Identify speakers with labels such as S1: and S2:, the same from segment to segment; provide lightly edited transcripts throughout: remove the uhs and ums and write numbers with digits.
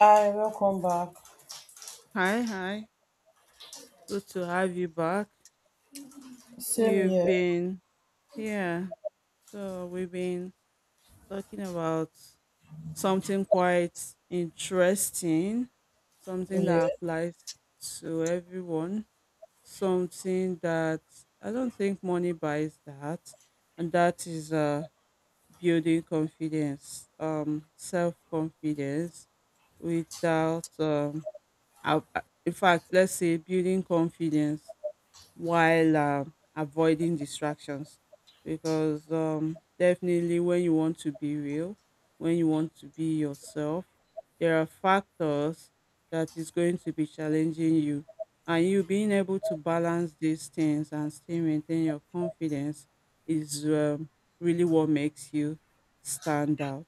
S1: Hi, welcome back.
S2: Hi, hi. Good to have you back.
S1: Same
S2: We've
S1: here.
S2: been, yeah, we've been talking about something quite interesting, something
S1: Yeah.
S2: that applies to everyone, something that I don't think money buys that, and that is building confidence, self-confidence without out- in fact, let's say building confidence while avoiding distractions because definitely when you want to be real, when you want to be yourself, there are factors that is going to be challenging you, and you being able to balance these things and still maintain your confidence is really what makes you stand out.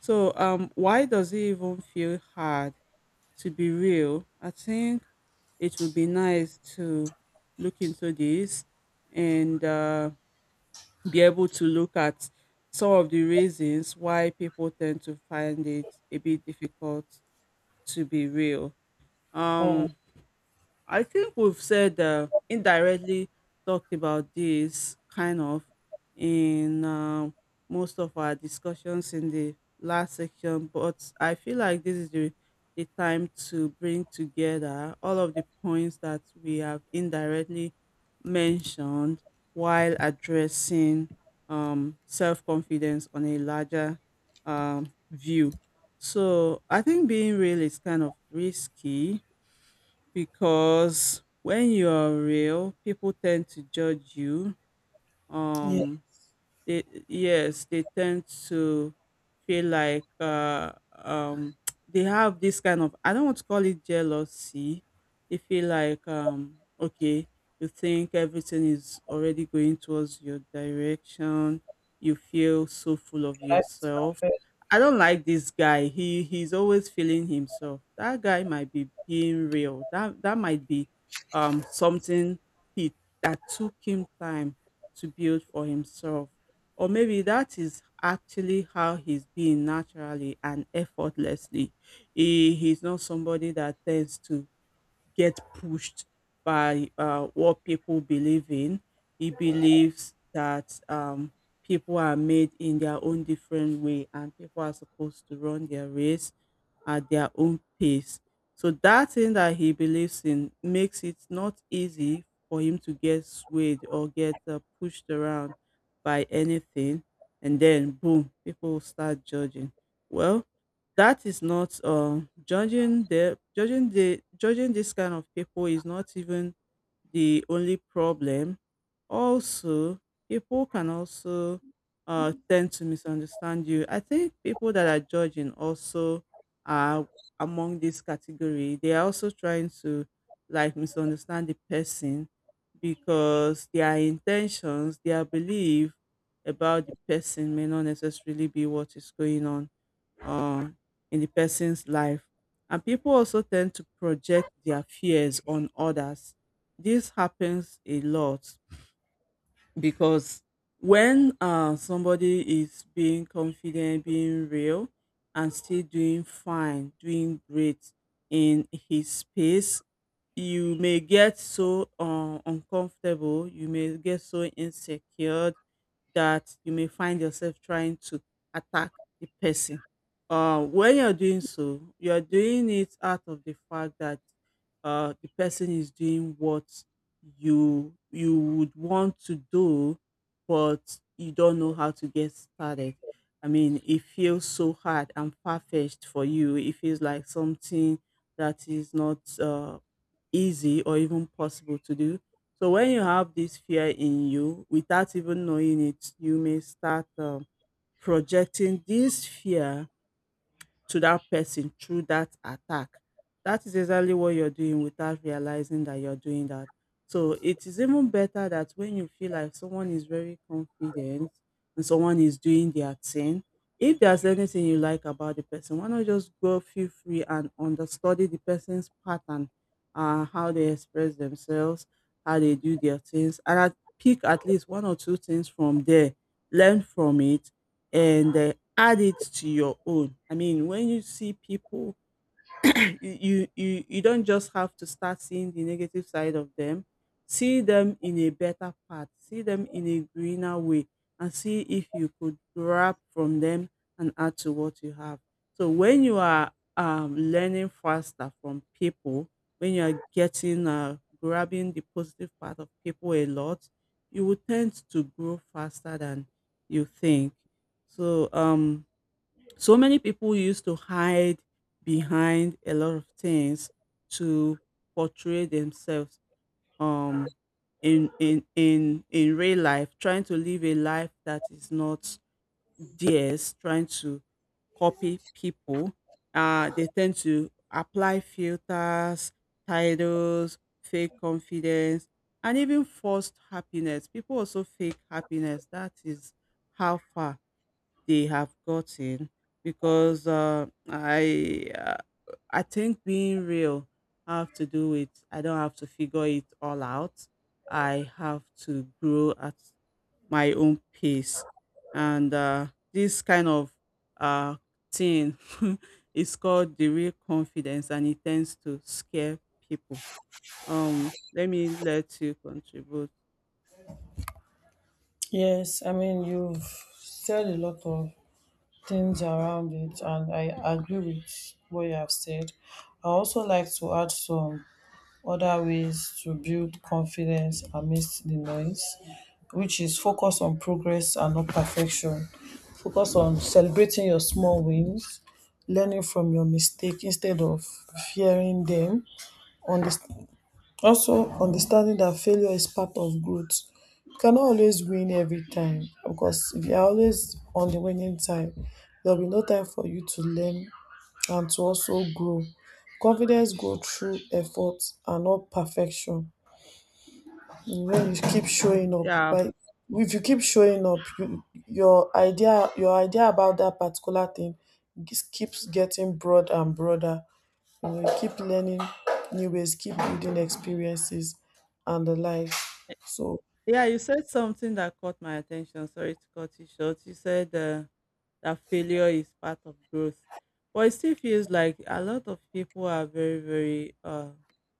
S2: So why does it even feel hard to be real? I think it would be nice to look into this and be able to look at some of the reasons why people tend to find it a bit difficult to be real.
S1: Mm.
S2: Um, I think we've said, indirectly talked about this kind of in, most of our discussions in the last section, but I feel like this is the time to bring together all of the points that we have indirectly mentioned while addressing self confidence on a larger view. So I think being real is kind of risky because when you're real, people tend to judge you.
S1: Yeah.
S2: Um, they, yes, they tend to feel like they have this kind of, I don't want to call it jealousy. They feel like, okay, you think everything is already going towards your direction, you feel so full of
S1: Life is
S2: yourself.
S1: perfect.
S2: I don't like this guy, he's always feeling himself. That guy might be being real. That might be something he that took him time to build for himself, or maybe that is actually how he's being naturally and effortlessly. He's not somebody that tends to get pushed by what people believe in. He believes that people are made in their own different way and people are supposed to run their race at their own pace. So that thing that he believes in makes it not easy for him to get swayed or get pushed around by anything. And then, boom, people will start judging. Well, that is not judging this kind of people is not even the only problem. Also, people can also tend to misunderstand you. I think people that are judging also are among this category. They are also trying to, like, misunderstand the person, because their intentions, their belief about the person may not necessarily be what is going on, uh, in the person's life. And people also tend to project their fears on others. This happens a lot because when somebody is being confident, being real, and still doing fine, doing great in his space, you may get so uncomfortable, you may get so insecure that you may find yourself trying to attack the person. When you're doing so, you're doing it out of the fact that, the person is doing what you would want to do, but you don't know how to get started. I mean, it feels so hard and far fetched for you. It feels like something that is not easy or even possible to do. So when you have this fear in you without even knowing it, you may start projecting this fear to that person through that attack. That is exactly what you're doing without realizing that you're doing that. So it is even better that when you feel like someone is very confident and someone is doing their thing, if there's anything you like about the person, why not just go feel free and understudy the person's pattern, how they express themselves, how they do their things, and pick at least one or two things from there, learn from it, and add it to your own. I mean, when you see people, you don't just have to start seeing the negative side of them. See them in a better path, see them in a greener way, and see if you could grab from them and add to what you have. So when you are learning faster from people, when you are getting, grabbing the positive part of people a lot, you will tend to grow faster than you think. So many people used to hide behind a lot of things to portray themselves, um in real life, trying to live a life that is not theirs, trying to copy people. Uh, they tend to apply filters, titles, fake confidence, and even forced happiness. People also fake happiness. That is how far they have gotten, because I think being real have to do with, I don't have to figure it all out. I have to grow at my own pace, and this kind of uh, thing is called the real confidence, and it tends to scare people. Let me let you contribute.
S1: Yes, I mean you've said a lot of things around it, and I agree with what you have said. I also like to add some other ways to build confidence amidst the noise, which is focus on progress and not perfection. Focus on celebrating your small wins, learning from your mistake instead of fearing them, understanding also, understanding that failure is part of growth. You cannot always win every time, because if you are always on the winning side, there will be no time for you to learn and to also grow. Confidence grows through effort and not perfection. When you keep showing up,
S2: Yeah.
S1: but If you keep showing up, your idea about that particular thing just keeps getting broad and broader. You know, you keep learning new ways, keep building experiences and the like. So
S2: Yeah, you said something that caught my attention. Sorry to cut you short. You said, that failure is part of growth. But it still feels like a lot of people are very, very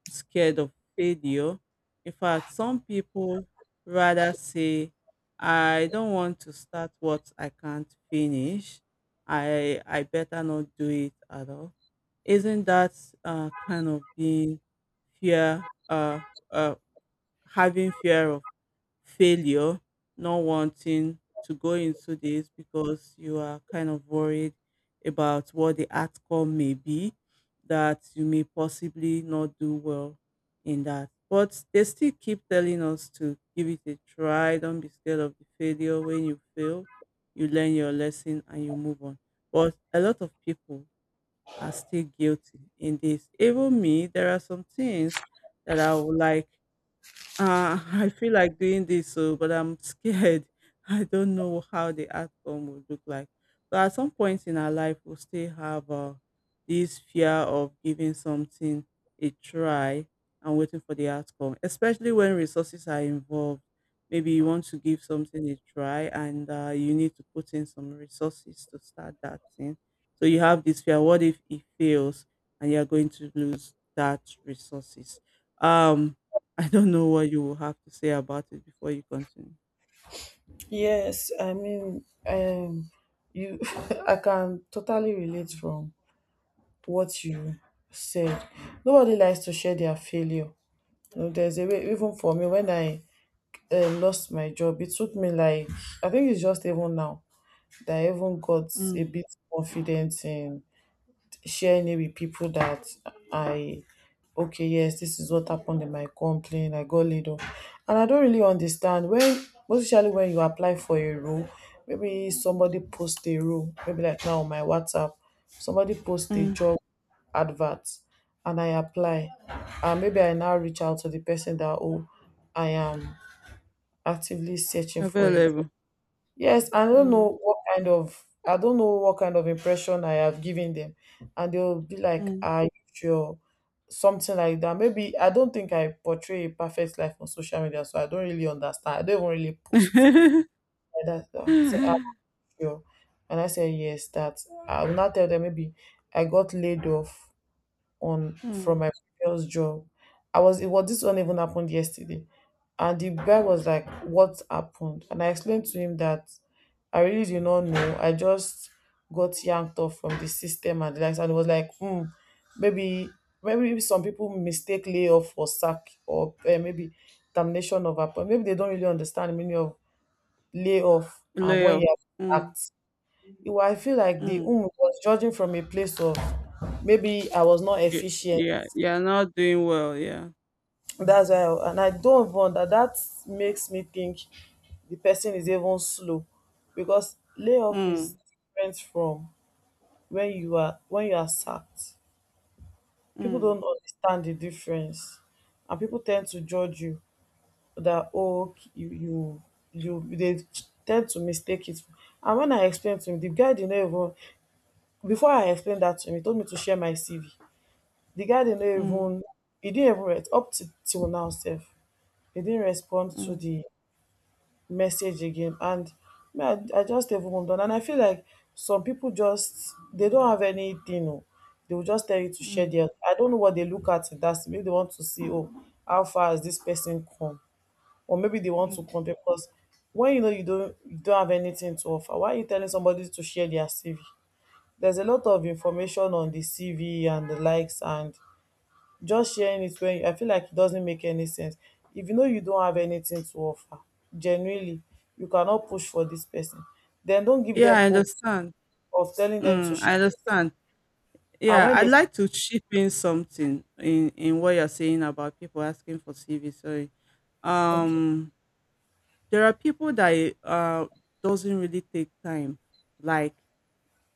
S2: scared of failure. In fact, some people rather say, I don't want to start what I can't finish. I better not do it at all. Isn't that kind of being fear, uh, uh, having fear of failure, not wanting to go into this because you are kind of worried about what the outcome may be, that you may possibly not do well in that? But they still keep telling us to give it a try. Don't be scared of the failure. When you fail, you learn your lesson and you move on. But a lot of people are still guilty in this. Even me, there are some things that I would like, I feel like doing this, so but I'm scared. I don't know how the outcome would look like. So at some point in our life, we'll still have this fear of giving something a try and waiting for the outcome, especially when resources are involved. Maybe you want to give something a try and, you need to put in some resources to start that thing. So you have this fear. What if it fails and you're going to lose that resources? Um, I don't know what you will have to say about it before you continue.
S1: yes, I mean, you, I can totally relate from what you said. Nobody likes to share their failure. You know, there's a way, even for me. When I lost my job, it took me like, I think it's just even now that I even got a
S2: Mm,
S1: bit confident in sharing it with people that I okay, yes, this is what happened in my company. I got laid off, and I don't really understand when, especially when you apply for a role, maybe somebody post a role, maybe like now on my WhatsApp somebody post a
S2: mm.
S1: job advert, and I apply, and maybe I now reach out to the person that, oh, I am actively searching for a job.
S2: Available.
S1: Yes, I don't
S2: Mm,
S1: know what kind of I don't know what kind of impression I have given them, and they'll be like,
S2: mm,
S1: "Are you sure?" Something like that. Maybe I don't think I portray a perfect life on social media, so I don't really understand. I don't even really post like that. So I say, "Are you sure?" And I say, "Yes." That I will not tell them. Maybe I got laid off on from
S2: mm.
S1: my previous job. I was It was, this one even happened yesterday. And the guy was like, "What happened?" And I explained to him that I really do not know. I just got yanked off from the system and the likes. And it was like, hmm, maybe maybe some people mistake layoff for sack, or maybe termination of appointment. Maybe they don't really understand the meaning of layoff and when
S2: Layoff.
S1: you are
S2: Mm,
S1: sacked. I feel like the
S2: mm,
S1: was judging from a place of maybe I was not
S2: Y-
S1: efficient.
S2: yeah, you're not doing well. Yeah.
S1: That's why and I don't even that makes me think the person is even slow, because layoff is
S2: Mm,
S1: different from when you are sacked. People
S2: mm,
S1: don't understand the difference, and people tend to judge you that, oh, okay, you they tend to mistake it. And when I explained to him, the guy did not even before I explained that to him, he told me to share my CV. The guy did not
S2: mm,
S1: even he didn't even re- Up to till now sef, he didn't respond to
S2: mm,
S1: the message again, and me, I just dey even move on. And I feel like some pipu just dey, don't have anything oo, dey go just tell you to share
S2: mm,
S1: their — I don't know what dey look at in dat. Maybe dey want to see, oh, how far has dis person come, or maybe dey want to
S2: mm.
S1: compare. Because when you know, you don't have anything to offer, why are you telling somebody to share their CV? There's a lot of information on the CV and the likes, and just sharing it when I feel like it doesn't make any sense. If you know you don't have anything to offer, genuinely, you cannot push for this person, then don't give
S2: Yeah,
S1: them
S2: I
S1: hope
S2: understand.
S1: of telling them to
S2: Mm,
S1: share
S2: I
S1: this.
S2: understand.
S1: And
S2: Yeah,
S1: when
S2: I'd
S1: they
S2: like to chip in something in what you're saying about people asking for CV. Sorry.
S1: think,
S2: Um, There are people that uh doesn't really take time. Like,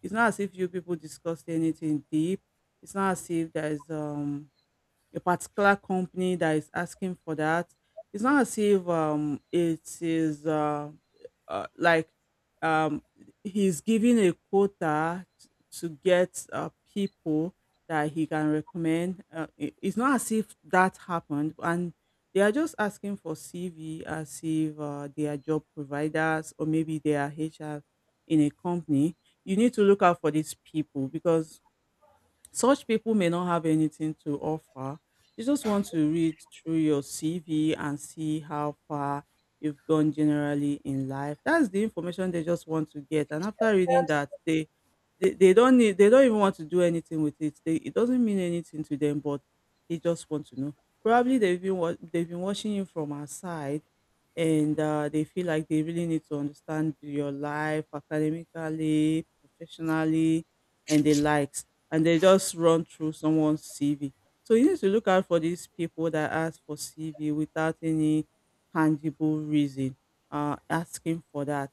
S2: it's not as if you people discussed anything deep. It's not as if there is a particular company that is asking for that. It's not as if it is like um, he's giving a to get people that he can recommend. It's not as if that happened, and they are just asking for CV as if they are job providers or maybe they are HR in a company. You need to look out for these people because such people may not have anything to offer. They just want to read through your CV and see how far you've gone generally in life. That's the information they just want to get. And after
S1: "Then
S2: reading that, they don't need, they don't even want to do anything with it. They, it doesn't mean anything to them, but they just want to know. Probably they've been they've been watching you from outside and, they feel like they really need to understand your life academically, professionally, and the likes. And they just run through someone's CV. So you need to look out for these people that ask for CV without any tangible reason asking for that.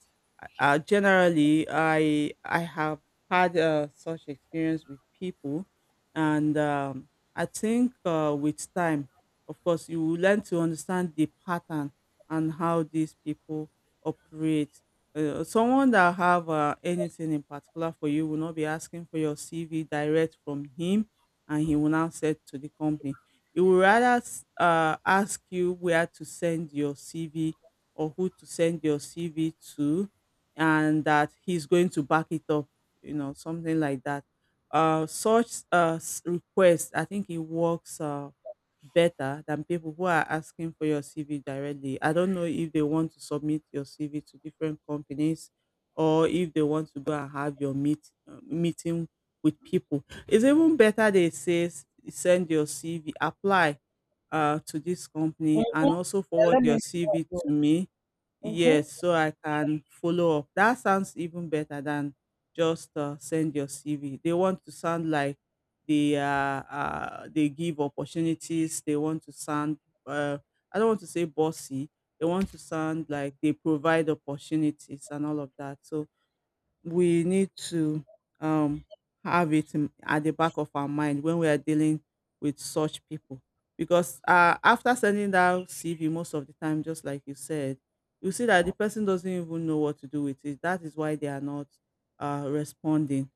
S2: Generally, I have had such experience with people, and I think, with time, of course, you will learn to understand the pattern and how these people operate. Someone that have anything in particular for you will not be asking for your CV direct from him, and he will now send to the company. He will rather ask you where to send your CV or who to send your CV to, and that he's going to back it up, you know, something like that. Such request, I think it works. Better than people who are asking for your CV directly. I don't know if they want to submit your CV to different companies or if they want to go and have your meeting with people. It's even better they say send your CV, apply to this company, and also forward
S1: let me
S2: your CV
S1: know."
S2: to me.
S1: Mm-hmm.
S2: Yes, so I can follow up. That sounds even better than just send your CV. They want to sound like they uh, they give opportunities. They want to sound uh, I don't want to say bossy. They want to sound like they provide opportunities and all of that. So we need to um, have it in, at the back of our mind when we are dealing with such people. Because after sending that CV, most of the time, just like you said, you see that the person doesn't even know what to do with it. That is why they are not responding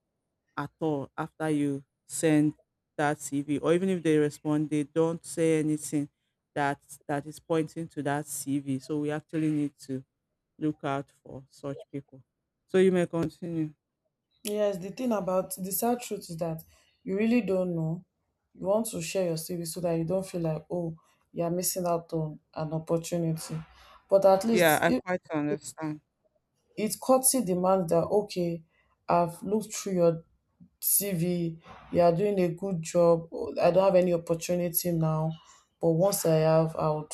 S2: at all after you send that CV. Or even if they respond, they don't say anything that that is pointing to that CV. So we actually need to look out for such people. So you may continue.
S1: Yes, the thing about the sad truth is that you really don't know. You want to share your CV so that you don't feel like, oh, you're missing out on an opportunity. But at
S2: Yeah,
S1: least
S2: I
S1: it,
S2: quite understand.
S1: it courtesy demands that, okay, I've looked through your CV, you are doing a good job. I don't have any opportunity now, but once I have, I would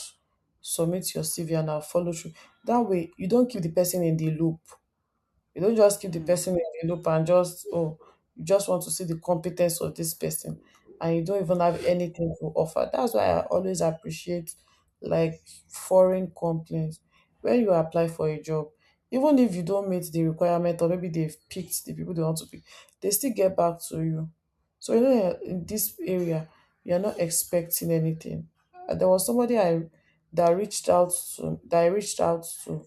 S1: submit your CV and I'll follow through. That way, you don't keep the person in the loop. You don't just keep the
S2: Hmm.
S1: person in the loop and just, oh, you just want to see the competence of this person, and you don't even have anything to offer. That's why I always appreciate like foreign companies. When you apply for a job, even if you don't meet the requirement, or maybe they've picked the people they want to pick, they still get back to you. So you know in this area, you're not expecting anything. There was somebody I that reached out to,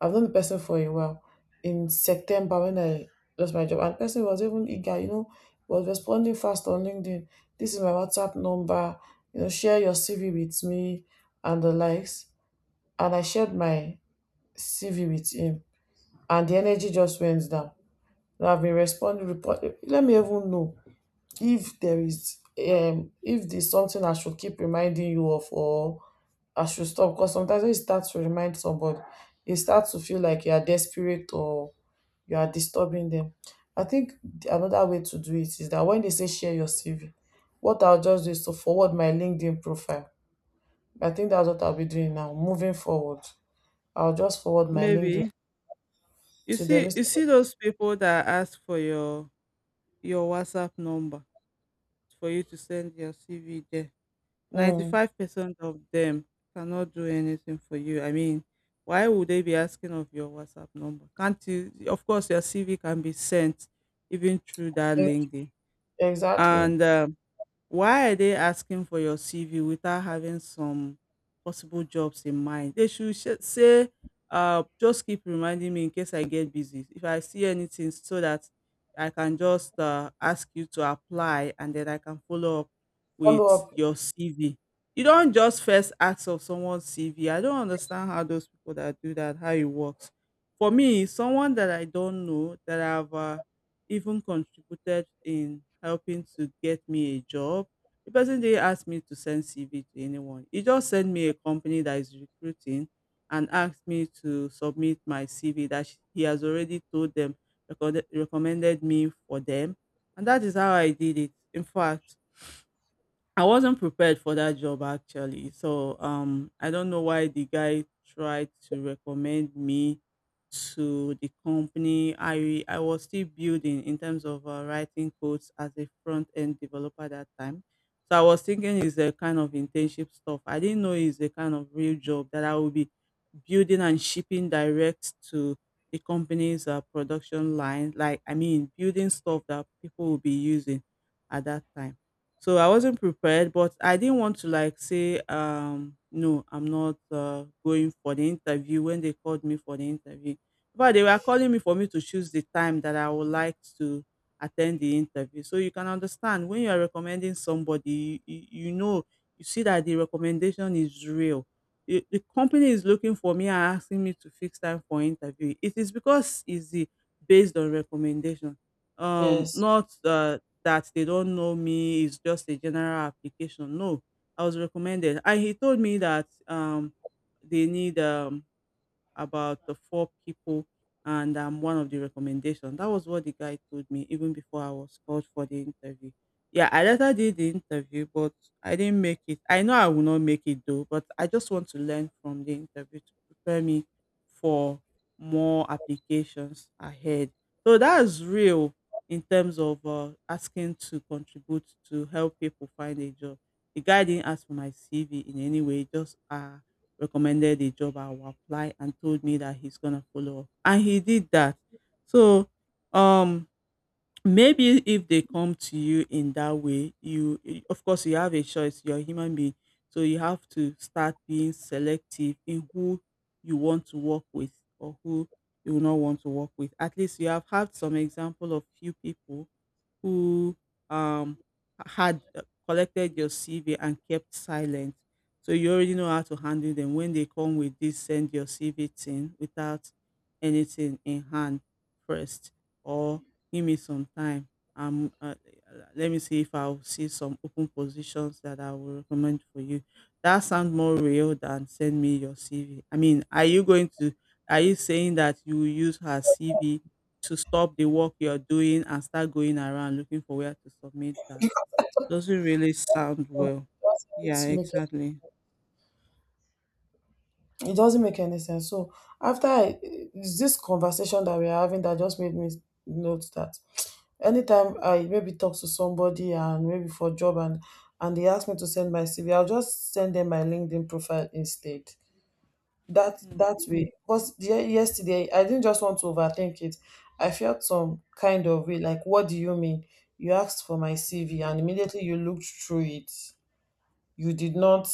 S1: I've known the person for a while, in September when I lost my job, and the person was even eager, you know, was responding fast on LinkedIn. "This is my WhatsApp number, you know, share your CV with me and the likes." And I shared my CV with him, and the energy just went down. And I've been responding, report, let me even know if there's something I should keep reminding you of, or I should stop, because sometimes when you start to remind somebody, you start to feel like you are desperate or you are disturbing them. I think another way to do it is that when they say share your CV, what I'll just do is to forward my LinkedIn profile. I think that's what I'll be doing now. Moving forward, I'll just forward my LinkedIn
S2: Maybe you
S1: to them.
S2: see you see those people that ask for your WhatsApp number for you to send your CV there. Ninety
S1: Mm,
S2: five percent of them cannot do anything for you. I mean, why would they be asking of your WhatsApp number? Can't you? Of course, your CV can be sent even through that
S1: e-
S2: link. There.
S1: exactly.
S2: And why are they asking for your CV without having some possible jobs in mind? They should say, just keep reminding me in case I get busy. If I see anything, so that I can just ask you to apply and then I can follow up
S1: Follow
S2: with
S1: up.
S2: your CV. You don't just first ask of someone's CV. I don't understand how those people that do that, how it works. For me, someone that I don't know that I've even contributed in helping to get me a job. The person didn't ask me to send CV to anyone. He just sent me a company that is recruiting and asked me to submit my CV that he has already told them, recommended me for them. And that is how I did it. In fact, I wasn't prepared for that job actually. So I don't know why the guy tried to recommend me to the company. I was still building in terms of writing codes as a front end developer that time. So I was thinking it's a kind of internship stuff. I didn't know it's a kind of real job that I will be building and shipping direct to the company's production line. Like I mean building stuff that people will be using at that time, so I wasn't prepared, but I didn't want to like say, no, I'm not going for the interview when they called me for the interview. But they were calling me for me to choose the time that I would like to attend the interview. So you can understand when you are recommending somebody, you know, you see that the recommendation is real. The company is looking for me and asking me to fix time for interview. It is because it's the, based on recommendation,
S1: Yes.
S2: not that they don't know me. It's just a general application. No, I was recommended, and he told me that they need about the four people and I'm one of the recommendations. That was what the guy told me even before I was called for the interview. Yeah, I later did the interview, but I didn't make it. I know I will not make it though, but I just want to learn from the interview to prepare me for more applications ahead. So that's real in terms of asking to contribute to help people find a job. The guy didn't ask for my CV in any way, just recommended a job I will apply and told me that he's gonna follow up. And he did that. So um maybe if they come to you in that way, of course you have a choice, you're a human being. So you have to start being selective in who you want to work with or who you will not want to work with. At least you have had some example of few people who um had collected your CV and kept silent. So you already know how to handle them when they come with this send your CV thing without anything in hand first, or give me some time. Um, uh, Let me see if I'll see some open positions that I will recommend for you. That sounds more real than send me your CV. I mean, are you saying that you will use her CV to stop the work you're doing and start going around looking for where to submit that? Doesn't really sound
S1: So
S2: well.
S1: It
S2: Yeah,
S1: doesn't make
S2: exactly.
S1: it doesn't make any sense. So after it's this conversation that we are having that just made me note that, anytime I maybe talk to somebody and maybe for job, and they ask me to send my CV, I'll just send them my LinkedIn profile instead. That
S2: Mm.
S1: that way, because yesterday I didn't just want to overthink it. I felt some kind of way like, what do you mean? You asked for my CV, and immediately you looked through it. You did not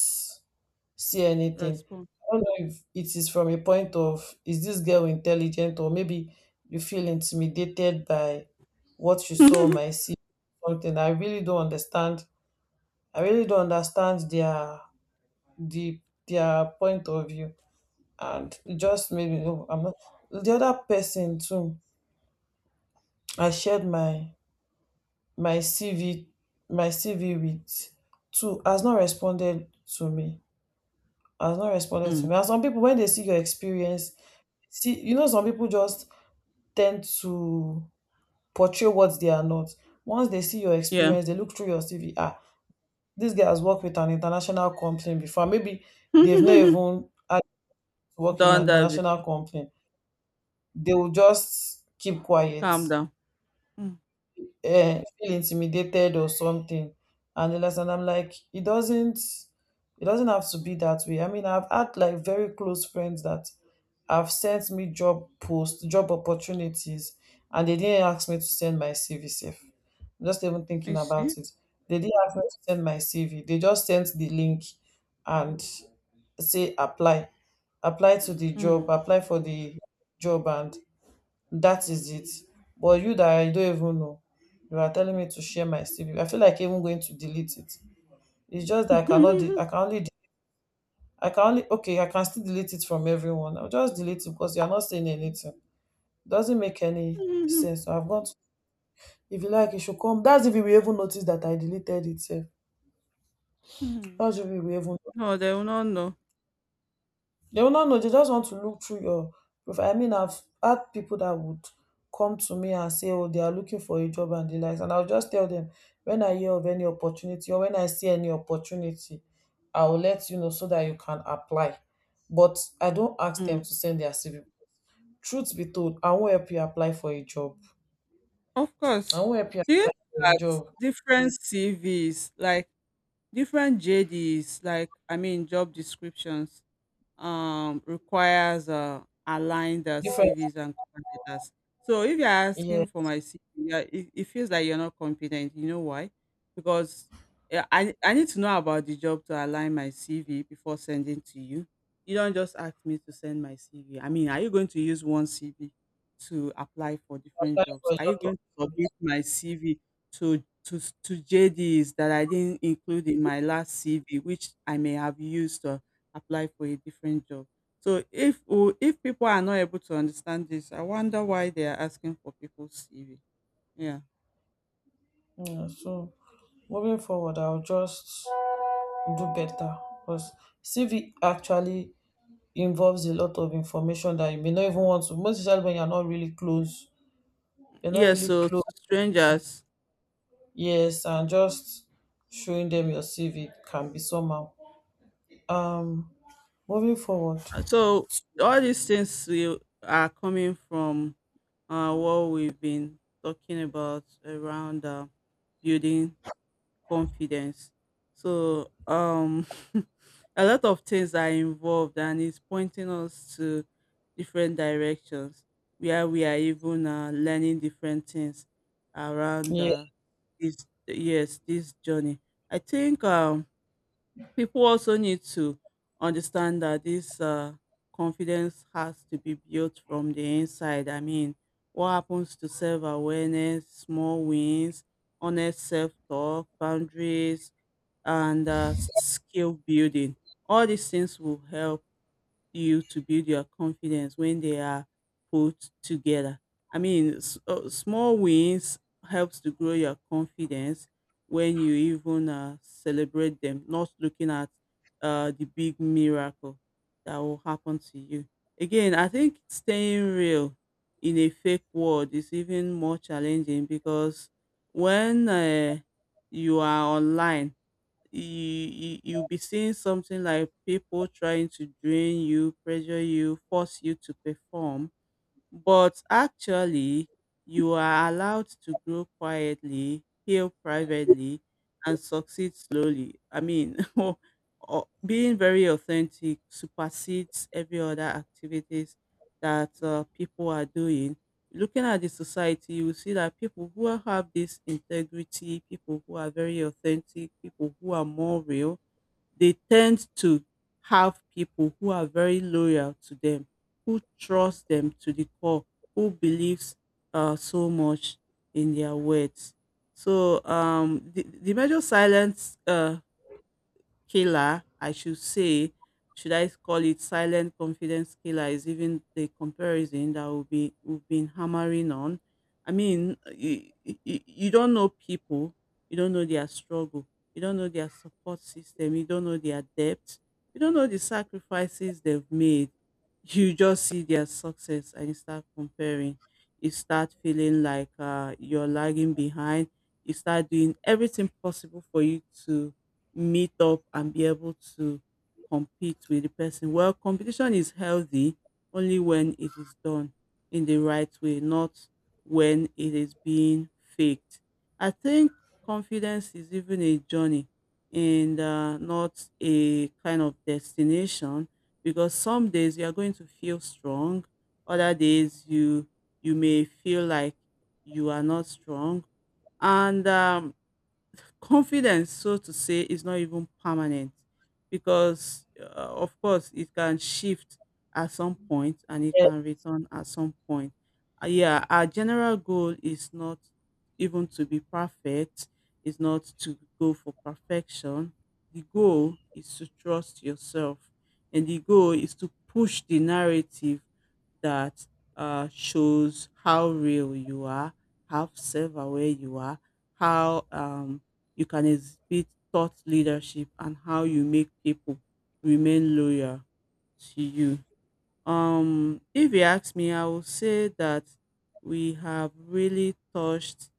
S1: see anything.
S2: Respond.
S1: I don't know if it is from a point of, is this girl intelligent, or maybe you feel intimidated by what you saw on my CV something. I really don't understand. I really don't understand the their point of view. And it just made me know I'm not — the other person too, I shared my my CV my CV with, two has not responded to me.
S2: Mm.
S1: And some people when they see your experience — see, you know, some people just tend to portray what they are not. Once they see your
S2: Yeah.
S1: experience, they look through your CV. Ah, this guy has worked with an international company before. Maybe they've not
S2: Done
S1: even had to work in an
S2: that
S1: international
S2: before.
S1: company. They will just keep quiet,
S2: Calm down. Mm.
S1: feel intimidated or something. And the last — and I'm like, it doesn't have to be that way. I mean, I've had like very close friends that have sent me job posts, job opportunities, and they didn't ask me to send my CV safe. I'm just even
S2: You
S1: thinking
S2: see?
S1: about it. They didn't ask me to send my cv. They just sent the link and say apply apply to the job,
S2: Mm.
S1: apply for the job, and that is it. But you that I don't even know, you are telling me to share my CV. I feel like even going to delete it. It's just that I cannot. I can only. Okay, I can still delete it from everyone. I'll just delete it because you are not saying anything. Doesn't make any sense. So I've got, if you like, you should come. That's if you will even notice that I deleted it, sef.
S2: Mm.
S1: That's if you will even
S2: No, they will not know.
S1: They will not know. They just want to look through your profile. I mean, I've had people that would come to me and say, "Oh, they are looking for a job and the likes," and I'll just tell them when I hear of any opportunity, or when I see any opportunity, I will let you know so that you can apply. But I don't ask them
S2: Mm.
S1: to send their CV. Truth be told, I won't help you apply for a job.
S2: Of
S1: I
S2: course.
S1: won't help you
S2: Do you
S1: apply
S2: know
S1: for a
S2: that
S1: job.
S2: different CVs, like different JDs, like, I mean, job descriptions, requires aligned
S1: Different,
S2: CVs and cover letters. So if you're
S1: yeah,
S2: asking for my CV, yeah, it feels like you're not competent. You know why? Because yeah, I need to know about the job to align my CV before sending to you. You don't just ask me to send my CV. I mean, are you going to use one CV to apply for
S1: apply
S2: different
S1: for
S2: jobs?
S1: a
S2: Are you
S1: job.
S2: going to submit my CV to JDs that I didn't include in my last CV, which I may have used apply for a different job. So if oh, if people are not able to understand this, I wonder why they are asking for people's CV. Yeah.
S1: Yeah, so moving forward, I'll just do better, because CV actually involves a lot of information that you may not even want to, most especially when you're not really close. You're not
S2: Yeah.
S1: really
S2: So
S1: close.
S2: to strangers.
S1: Yes, and just showing them your CV can be somehow. Um, Moving forward.
S2: So all these things we are coming from what we've been talking about around building confidence. So a lot of things are involved and it's pointing us to different directions where we are even learning different things around
S1: Yeah,
S2: this, yes, this journey. I think people also need to understand that this confidence has to be built from the inside. I mean, what happens to self awareness, small wins, honest self talk, boundaries, and skill building? All these things will help you to build your confidence when they are put together. I mean, small wins helps to grow your confidence when you even celebrate them, not looking at the big miracle that will happen to you. Again, I think staying real in a fake world is even more challenging because when you are online, you'll be seeing something like people trying to drain you, pressure you, force you to perform, but actually, you are allowed to grow quietly, heal privately, and succeed slowly. I mean, being very authentic supersedes every other activities that people are doing. Looking at the society, you will see that people who have this integrity, people who are very authentic, people who are more real, they tend to have people who are very loyal to them, who trust them to the core, who believes so much in their words. So the major silence killer, I should say. Should I call it silent confidence killer? Is even the comparison that will be we've been hammering on. I mean, you don't know people, you don't know their struggle, you don't know their support system, you don't know their depth, you don't know the sacrifices they've made. You just see their success and you start comparing. You start feeling like you're lagging behind. You start doing everything possible for you to meet up and be able to compete with the person. Well, competition is healthy only when it is done in the right way, not when it is being faked. I think confidence is even a journey and not a kind of destination because some days you are going to feel strong, other days you may feel like you are not strong, and confidence, so to say, is not even permanent because, of course, it can shift at some point and it
S1: yeah,
S2: can return at some point. Yeah, our general goal is not even to be perfect, is not to go for perfection. The goal is to trust yourself, and the goal is to push the narrative that shows how real you are, how self aware you are, how you can exhibit thought leadership, and how you make people remain loyal to you. If you ask me, I will say that we have really touched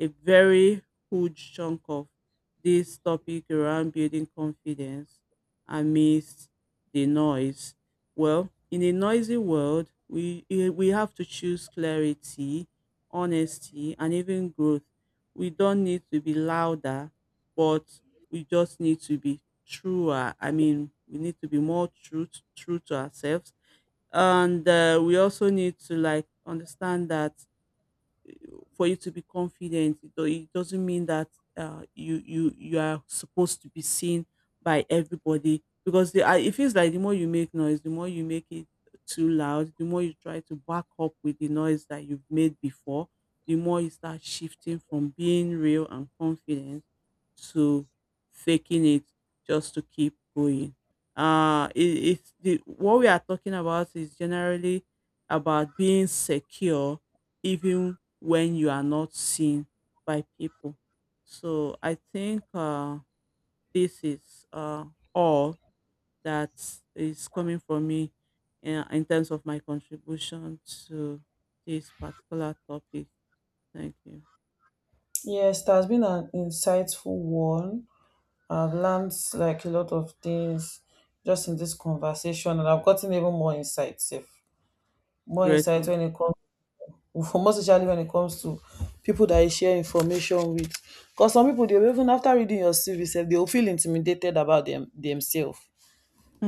S2: a very huge chunk of this topic around building confidence amidst the noise. Well, in a noisy world, we have to choose clarity, honesty, and even growth. We don't need to be louder, but we just need to be truer. I mean, we need to be more true to ourselves, and we also need to like understand that for you to be confident, it doesn't mean that you are supposed to be seen by everybody because it feels like the more you make noise, the more you make it too loud, the more you try to back up with the noise that you've made before, the more you start shifting from being real and confident to faking it just to keep going. It's the what we are talking about is generally about being secure even when you are not seen by people. So I think this is all that is coming from me in terms of my contribution to this particular topic. Thank you.
S1: yes, it has been an insightful one. I've learned like a lot of things just in this conversation, and I've gotten even more insights. If More
S2: Great
S1: insight
S2: one.
S1: when it comes Most especially when it comes to people that you share information with. Because some people, they will even after reading your CV sef, they will feel intimidated about them themselves.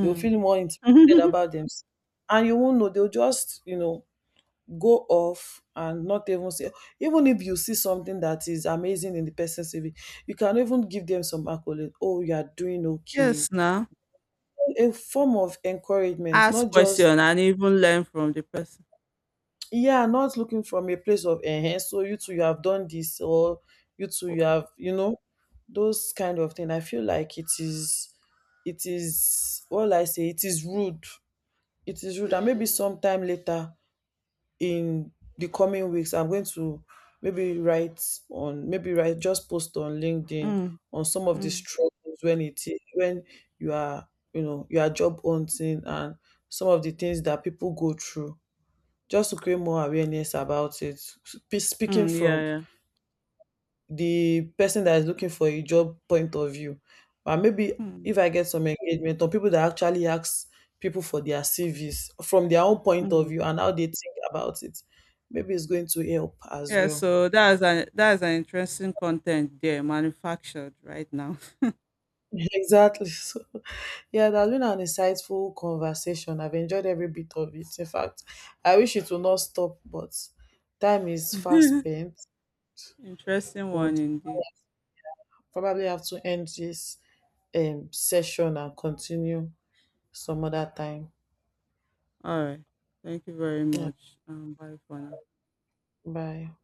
S1: They will feel more intimidated about themselves. And you won't know, they'll just, you know, go off and not even say, even if you see something that is amazing in the person's CV, you can even give them some accolade. Oh, you are doing okay.
S2: Yes, now
S1: A form of encouragement,
S2: ask
S1: not just,
S2: question and even learn from the person.
S1: yeah, not looking from a place of enhance. So you too, you have done this, or you too, you have, you know, those kind of thing. I feel like it is — it is, what will I say, it is rude. It is rude. And maybe sometime later in the coming weeks, I'm going to maybe write, on maybe write just post on LinkedIn
S2: Mm,
S1: on some of the
S2: mm,
S1: struggles when it is, when you are, you know, you are job hunting, and some of the things that people go through, just to create more awareness about it. Speaking
S2: mm, yeah,
S1: from
S2: yeah.
S1: the person that is looking for a job point of view, and maybe
S2: Mm,
S1: if I get some engagement, or people that actually ask people for their CVs from their own point of
S2: mm.
S1: view and how they think about it, maybe it's going to help as
S2: Yeah,
S1: well.
S2: so that's an interesting content there manufactured right now.
S1: Exactly. So yeah, that has been an insightful conversation. I've enjoyed every bit of it. In fact, I wish it will not stop, but time is fast spent.
S2: Interesting one
S1: Would
S2: indeed.
S1: probably have to end this session and continue some other time.
S2: All right. Thank you very
S1: Yeah.
S2: much. Bye for now.
S1: Bye.